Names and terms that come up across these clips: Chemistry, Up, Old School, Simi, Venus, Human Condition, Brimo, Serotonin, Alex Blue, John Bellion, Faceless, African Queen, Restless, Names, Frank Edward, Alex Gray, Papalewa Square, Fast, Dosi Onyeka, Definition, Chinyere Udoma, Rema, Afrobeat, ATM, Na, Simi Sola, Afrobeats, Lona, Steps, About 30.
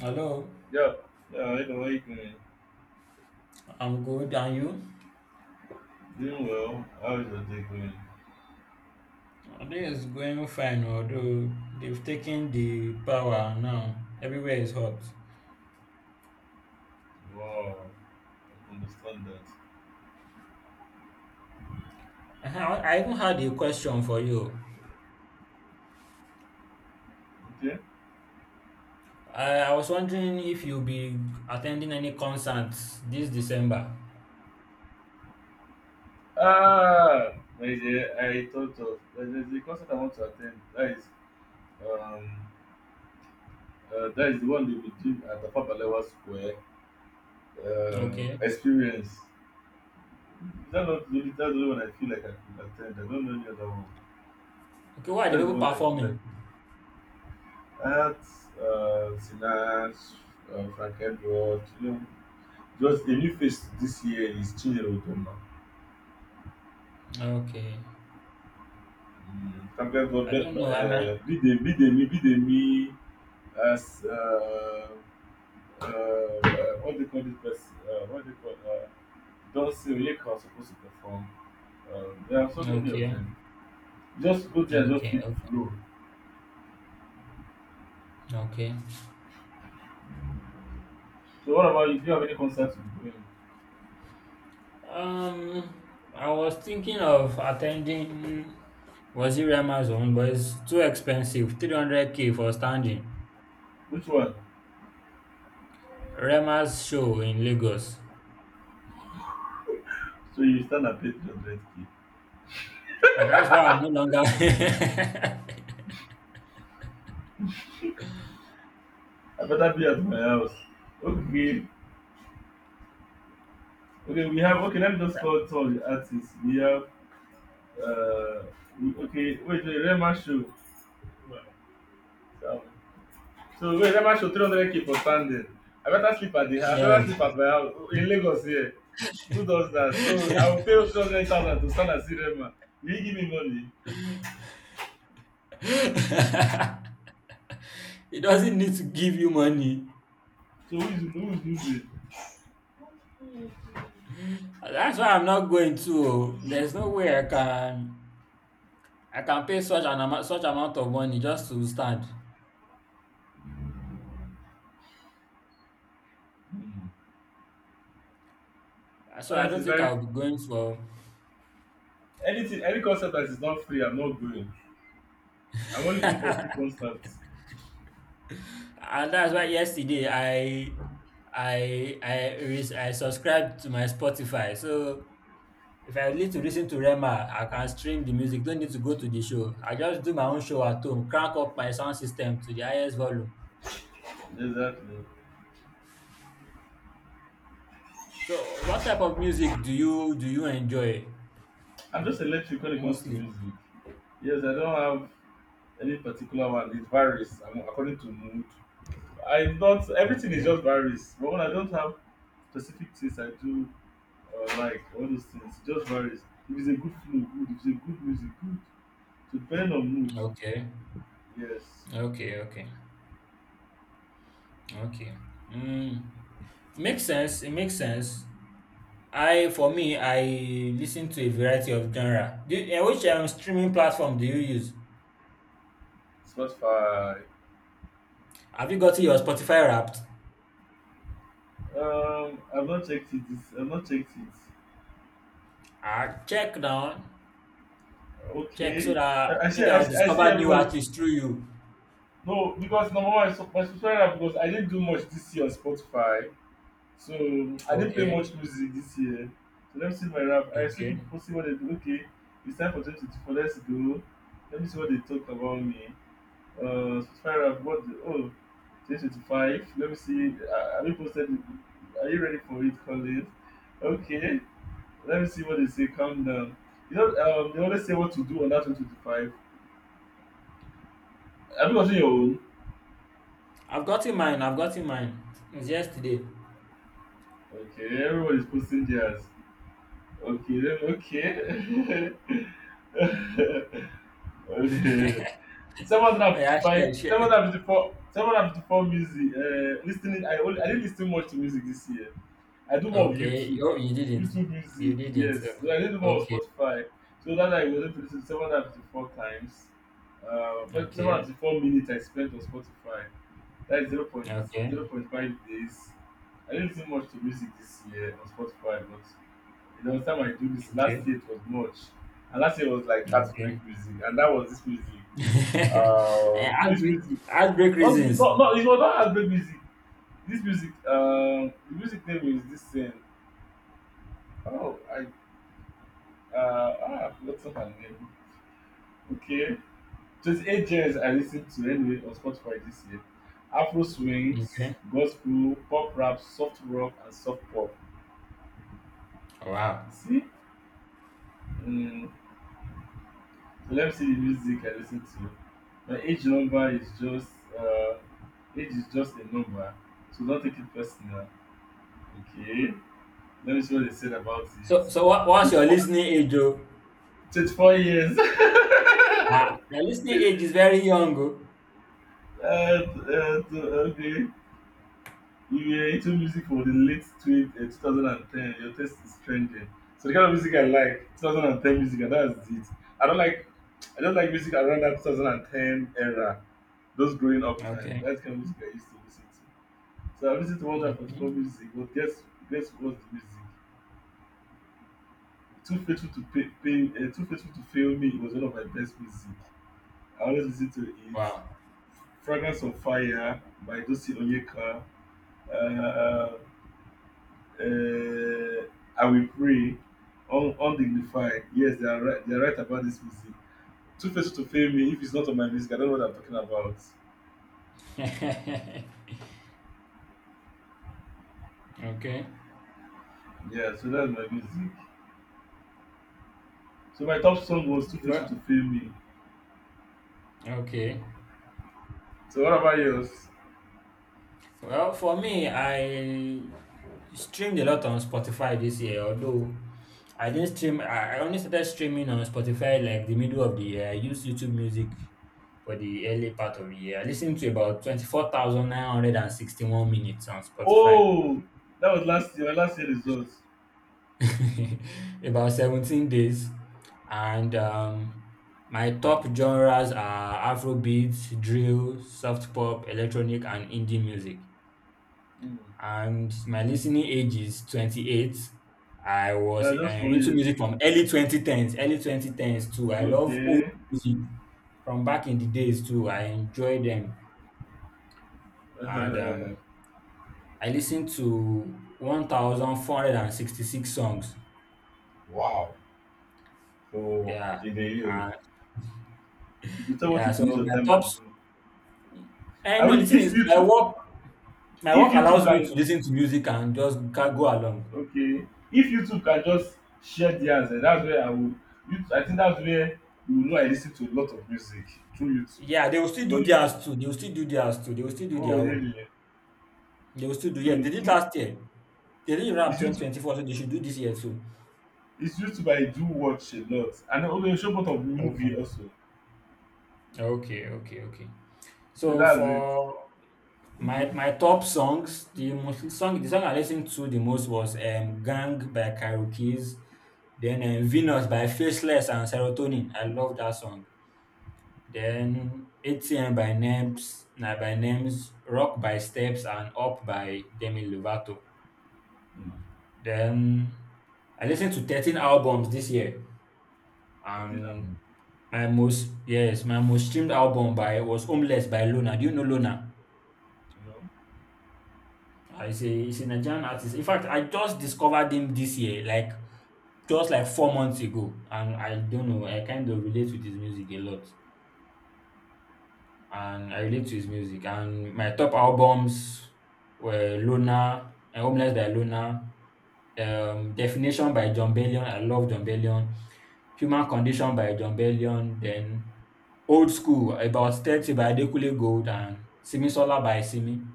Hello, Yeah, yeah, I like me. I'm good. And you? Doing well. How is your day going? This is going fine, although they've taken the power now. Everywhere is hot. Wow, I understand that. I even had a question for you. Okay. I was wondering if you'll be attending any concerts this December. Ah, my dear, I thought of there's a concert I want to attend. Um, that is the one they will do at the Papalewa Square. Okay. Experience. Is that not the that's the only one I feel like I could attend? I don't know any other one. Okay, what are the That's the people one I feel performing? like. At Sinas, Frank Edward, just the new face this year is Chinyere Udoma. Okay. Mm, Champion God, I don't know. Am I Bidemi, as what do you call this person? What do you call Dunsin Onyeka was supposed to perform. There are so mean, many of okay. them. Just go there and just Okay. feel the Okay. flow. Okay. So what about you? Do you have any concerts you're going? Um, I was thinking of attending was it Rema's own, but it's too expensive. 300K for standing. Which one? Rema's show in Lagos. So you stand and pay 300k. And that's why I'm no longer. I better be at my house. Okay, okay, we have okay. Let me just call all the artists. Uh, okay, wait, wait, Rema show. Wow. So wait, Rema show 300k for standing. I better sleep at the house. I better Yes. sleep at my house in Lagos here. Who does that? So I will pay 200,000 to stand and see Rema. Will you give me money? It doesn't need to give you money. So who is losing? That's why I'm not going to. Oh. There's no way I can pay such an amount of money just to stand. So I Honestly, don't it's think very I'll free. be going for. Anything, any concert that is not free, I'm not going. I'm only in for free concerts. And that's why yesterday I subscribed to my Spotify. So if I need to listen to Rema, I can stream the music. Don't need to go to the show. I just do my own show at home. Crank up my sound system to the highest volume. Exactly. So what type of music do you enjoy I'm just electric when it comes to mostly? music. Yes, I don't have any particular one. According to mood. I don't. Everything is Okay, just varies. But when I don't have specific things I do or like all those things, it just varies. If it's a good flow, good. If it's a good music, good. To depend on mood. okay, Yes. okay, okay, okay. Mm. Makes sense. It makes sense. I for me, I listen to a variety of genre. Do you, which streaming platform do you use? Spotify. Have you gotten your Spotify Wrapped? I've not checked it. This I've not checked it. Check down, check so Okay. that maybe I'll I see discover new everybody. artists through you. No, because number one, my subscriber because I didn't do much this year on Spotify. So I didn't play Okay, much music this year. So let me see my rap. I see okay. people see what they do. Okay, it's time for 2024. Let's go. Let me see what they talk about me. Spotify rap. 2025. Let me see. Have you posted it? Are you ready for it, Colin? Okay. Let me see what they say. Calm down. They always say what to do on that 2025. Have you gotten your own? I've gotten mine. I've gotten mine. It's yesterday. Okay, everyone is posting theirs. Okay, then okay. Okay. seven hundred and Oh, fifty yeah, five share, seven share. hundred and fifty four seven hundred and fifty four music. Listening, I didn't listen much to music this year. I do more of Okay. YouTube, Oh, you didn't. YouTube You music. didn't. Yes, so I did more of Okay. Spotify, so that I was able to lis to 754 times. Seven hundred and Okay. fifty four minutes I spent on Spotify. That is zero Okay. point 5 days. I didn't listen much to music this year on Spotify, but the last time I do this last Okay. year, it was much. And last year was like heartbreak Okay. music, and that was this music. This Heartbreak, music, heartbreak reasons. Not it was not as Afrobeat music. This music, the music name is this thing. oh I I forgot her name. Okay, 28 genres I lis to anyway on Spotify this year. Afro swings, Okay. gospel, pop, rap, soft rock, and soft pop. You Wow. see, um so let me see the music I listen to. My age number is just, uh age is just a number, so don't take it personal. Okay. Let me see what they said about it. So what's your 24, listening age, oh? twenty-four years. Ah, your listening age is very young, oh. Okay. You were into music for the late 2010. Your taste is trending. So the kind of music I like, 2010 music, and that's it. I don't like, I don't like music around that 2010 era. Those growing up time. Okay. That's the kind of music I used to listen to. So I listened to 144 Okay. music, but guess what's the music? Too faithful to fail me was one of my best music. I always listen to it. Wow. Fragrance of Fire by Dosi Onyeka. Uh, uh, uh, I Will Pray. Undignified. Yes, they are right. They are right about this music. Too Faced to fail me, if it's not on my music, I don't know what I'm talking about. Okay. Yeah, so that's my music. So my top song was Too Faced Well, to fail me. okay. So what about yours? Well, for me, I streamed a lot on Spotify this year, although I didn't stream, I only started streaming on Spotify like the middle of the year. I used YouTube Music for the early part of the year. I listened to about 24,961 minutes on Spotify. Oh, that was last year. My last year results. About 17 days. And my top genres are Afrobeats, drill, soft pop, electronic, and indie music. Mm. And my listening age is 28. I was Yeah, just four into years. music from early 2010s, early 2010s too. I love old Okay. music from back in the days too. I enjoy them. And I listened to 1,466 songs. Wow. So Yeah. in a year. And You decide what you yeah, so could use your my time top and do. I I know mean, the thing is my work my if work you two allows me to can, listen to music and just go along. okay, if you two can just share theirs, that's where I would, you I think that's where, you know, I lis ten to a lot of music through YouTube Yeah, they will still do because you theirs too. They will still do theirs too. They will still do oh their really, own. They will still do, so yeah. They it's did through, last year. They did rap it's YouTube 2024, so they should do this year too. it's YouTube I do watch a lot, and then okay show both of Okay. movie also. Okay, okay, okay. So So that's it. for my Mhm. my top songs, the song I listened to the most was Gang by Karo Kids, then Venus by Faceless and Serotonin. I love that song. Then ATM by Nebs, Na by Names, Rock by Steps, and Up by Demi Lovato. Mm. Then I listened to 13 albums this year, I think and I'm my most, yes, my most streamed album by was Homeless by Lona. Do you know Lona? you know. I say a he's a Nigerian artist. In fact, I just discovered him this year, just like 4 months ago, and I don't know. I kind of relate with his music a lot. And I relate to his music. And my top albums were Loner, Homeless by Loner, Definition by John Bellion. I love John Bellion. Human Condition by John Bellion. Then Old School, About 30 by Adekunle Gold and Simi Sola by Simi.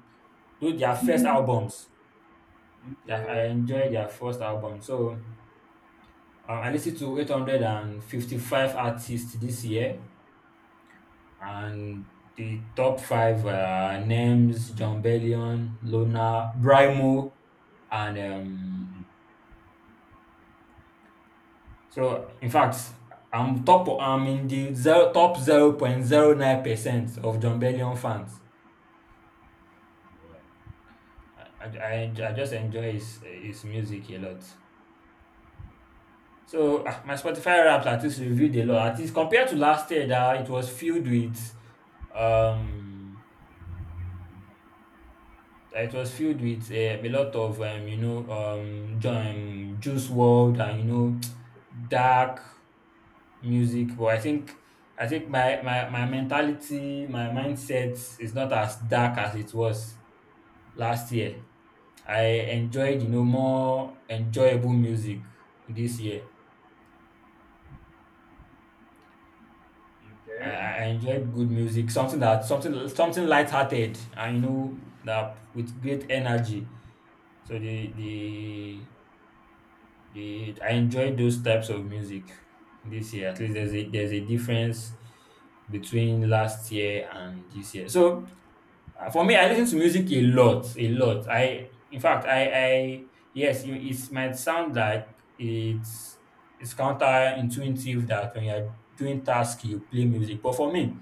Those their first albums. Okay, I enjoy their first album. So I listened to 855 artists this year. And the top five were names John Bellion, Lona, Brimo, and so in fact, I'm top. I'm in the top 0.09% of John Bellion fans. I just enjoy his music a lot. So my Spotify Wrapped artist reviewed a lot. At least compared to last year, that it was filled um with a lot of Juice World and dark music. But I think my mentality, my mindset is not as dark as it was last year. I enjoyed more enjoyable music this year. I, okay. I I enjoyed good music, something that something lighthearted and that with great energy. So I enjoy those types of music this year. At least there's a difference between last year and this year. So for me, I listen to music a lot, a lot. I In fact, I yes, it might sound like it's it's counterintuitive that when you're doing tasks you play music, but for me,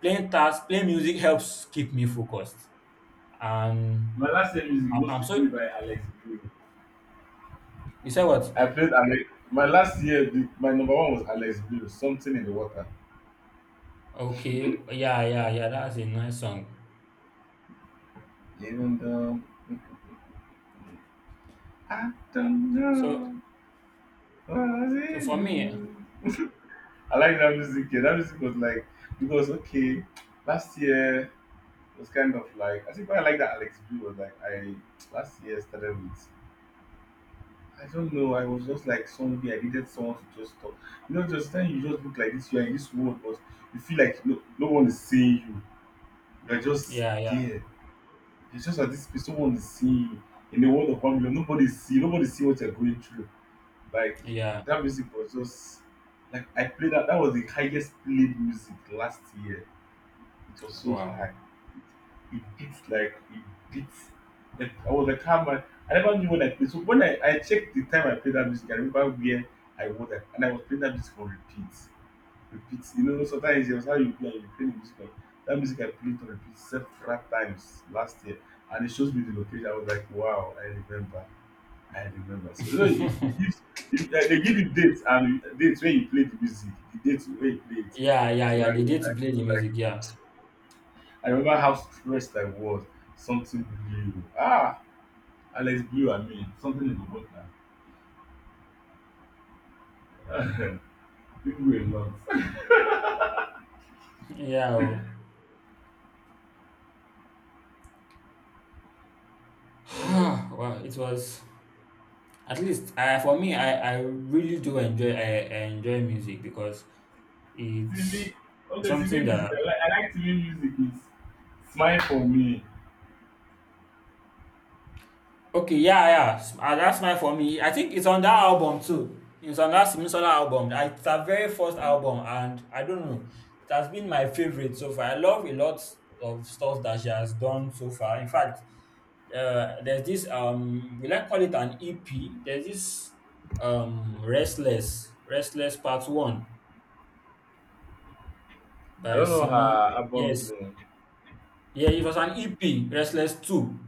playing music helps keep me focused. And My last year music I'm mostly played so, by Alex Gray. you said I what? played Alex. My last year, my number one was Alex Blue, Something in the Water. Okay, yeah, yeah, yeah. That's a nice song. Even though I don't So know what it so for me, is. I like that music. Yeah, that music was like, because, okay, last year was kind of like, I think why I like that Alex Blue was like, I last year started with, I don't know, I was just like somebody, I needed someone to just talk. You know, just then you just look like this, you're in this world, but you feel like no, no one is seeing you. You're just yeah, yeah, there. It's just that these people want to see you in the world of Babylon. Nobody see what you're going through. Like yeah. that music was just like I played that. That was the highest played music last year. It was so Wow. high. It beat. Like I was like, how am I? I never knew when I played. So when I checked the time I played that music, I remember where I was at, and I was playing that music on repeat. You know, sometimes it's how you play and you play the That music I played on repeat several times last year, and it shows me the location. I was like, wow, I remember. So you know, if they give you dates and dates when you play the music, the dates when you play it. Yeah, yeah, yeah. The day I to play the was like, music, yeah. I remember how stressed I was. Something blue. Ah, Alex Blue. I mean, something in the water. People were nuts. Yeah. Oh. Well, it was at least I for me, I really do enjoy I enjoy music because TV, it's okay, TV something music, that I like TV music. It's smile for me. okay, yeah, yeah. That's mine for me. I think it's on that album too. It's on that Simi Sola album. It's her very first album, and I don't know. It has been my favorite so far. I love a lot of stuff that she has done so far. In fact, there's this we like call it an EP. There's this Restless, Restless Part One I by don't know Simi. her albums Yes, name. yeah, it was an EP, Restless Two.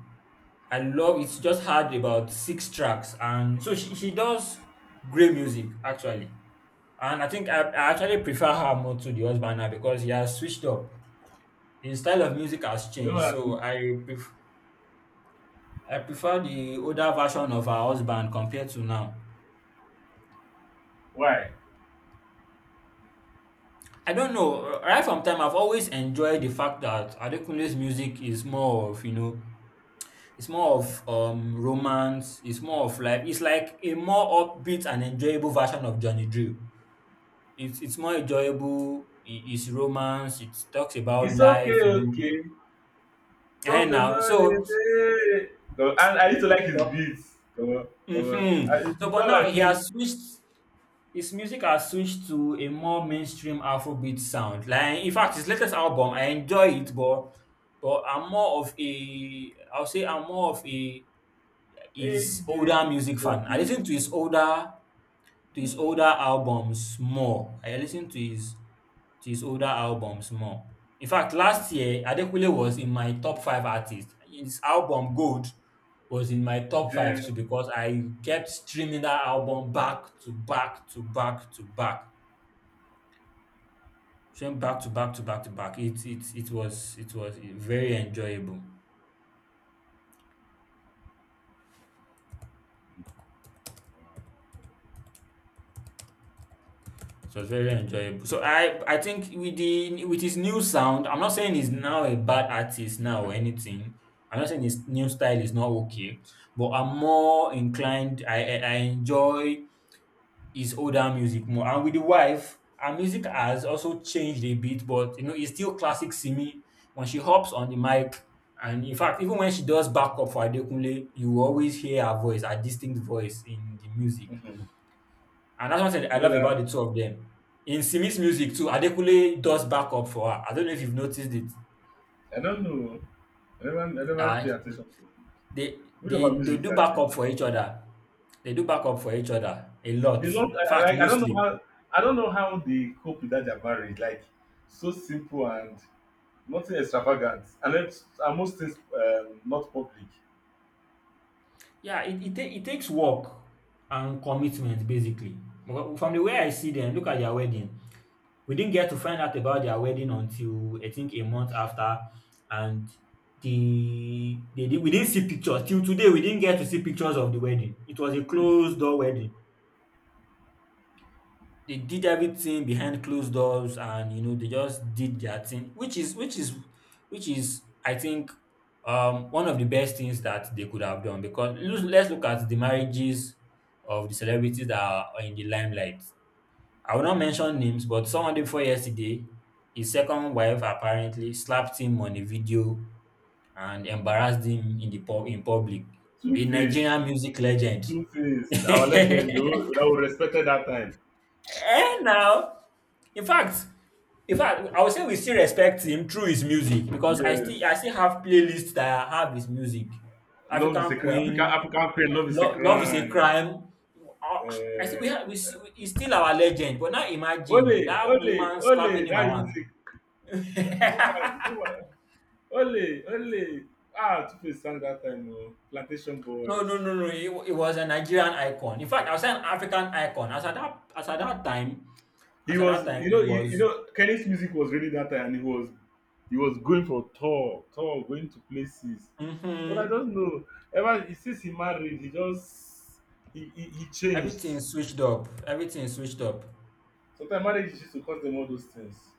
I love it's just had about six tracks and so she does great music actually. And I think I actually prefer her more to the husband now because he has switched up. His style of music has Don't changed. ask me So I prefer the older version of her husband compared to now. why. I don't know. Right from time, I've always enjoyed the fact that Adekunle's music is more of, it's more of romance. It's more of like it's like a more upbeat and enjoyable version of Johnny Drew. It's more enjoyable. It's romance. It talks about It's okay, life. okay. And Problem no now, dey so dey. No, and I used to like his beats. Come on, come on. hmm I, it's so, but not now like he play. has switched. His music has switched to a more mainstream Afrobeat sound. Like in fact, his latest album, I enjoy it, but I'm more of a, I'll say, I'm more of a Hey, his baby, older music fan. help I me. listen to his older Mm. Albums more. I listen to his older albums more. In fact, last year, Adekunle was in my top five artists. His album Gold was in my top five Yeah. too because I kept streaming that album back to back to back to back. Stream back to back to back to back. It was very enjoyable. It was very enjoyable. So I think with the with his new sound, I'm not saying he's now a bad artist now or anything. I'm not saying his new style is not okay, but I'm more inclined. I enjoy his older music more. And with the wife, her music has also changed a bit, but it's still classic Simi. When she hops on the mic, and in fact, even when she does backup for Adekunle, you always hear her voice, her distinct voice in the music. Mm-hmm. And that's one thing I You know love about that? the two of them. In Simi's Mm. music too, Adekule does backup for her. I don't know if you've noticed it. I don't know. I never Uh, pay attention to. they, Which of her they they music is do that? backup for each other. They do backup for each other a lot. They love. In fact, Like I don't know mostly. how I don't know how they cope with that their marriage. Like so simple and nothing extravagant, and then and most things not public. Yeah, it takes work and commitment basically. Well, from the way I see them, look at their wedding. We didn't get to find out about their wedding until I think a month after, and they did, we didn't see pictures till today. We didn't get to see pictures of the wedding. It was a closed door wedding. They did everything behind closed doors, and they just did their thing, which is, which is I think one of the best things that they could have done, because let's look at the marriages of the celebrities that are in the limelight. I will not mention names, but someone day before yesterday, his second wife apparently slapped him on a video and embarrassed him in public. Two A face, Nigerian music legend. two face. Our And legend, the one that was respected that time. now, in fact, in fact, I would say we still respect him through his music because I still Yes, I still have playlists that have his music. love is a African crime. African Queen, African queen, love is a Love, love is a crime. crime. Ah, I think we Uh, have, he's still our legend. But now ole, imagine that ole, woman ole. slapping him That around. music. Woman, woman. Ole, ole. Ah, two face sang that time. Oh. Plantation No, no, boys. no, no. He was a Nigerian icon. In fact, I was an African icon. As at that, as at that time, He as at was, that time, you know, it you was. know, Kenny's music was really that time, and he was going for tour, tour, going to places. But hmm I don't know. Ever since he married, he just he changed. everything switched up. Everything switched up. Sometimes marriage is used to cause them all those things.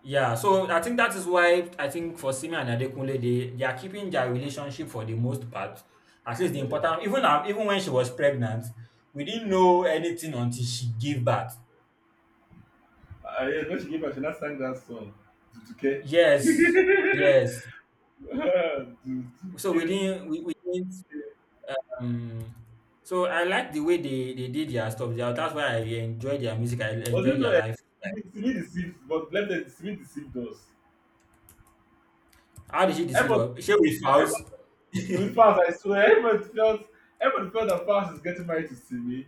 Yeah, so I think that is why I think for Simi and Adekunle, they are keeping their relationship for the most part. At least Yes. Even when she was pregnant, we didn't know anything until she gave birth. Yeah, when she gave her, she now sang that song. Duduke. Yes, yes. Ah, So we Duduke. didn't, we, we didn't. Um, so I like the way they did their stuff. That's why I enjoy their music. I But do you enjoy know, their life. Simi deceived, but let them Simi deceived us. How did she deceive Everybody, her? She with house. with Fast, I swear, everybody felt that Fast is getting married to Simi.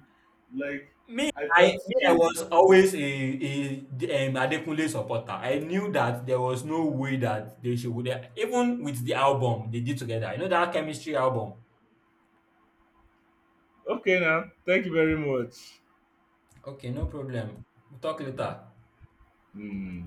Like Me, I I felt me, I too. was always a Adekunle supporter. I knew that there was no way that they should, even with the album they did together. You know that chemistry album. Okay now, thank you very much. Okay, no problem. We'll talk later. Hmm.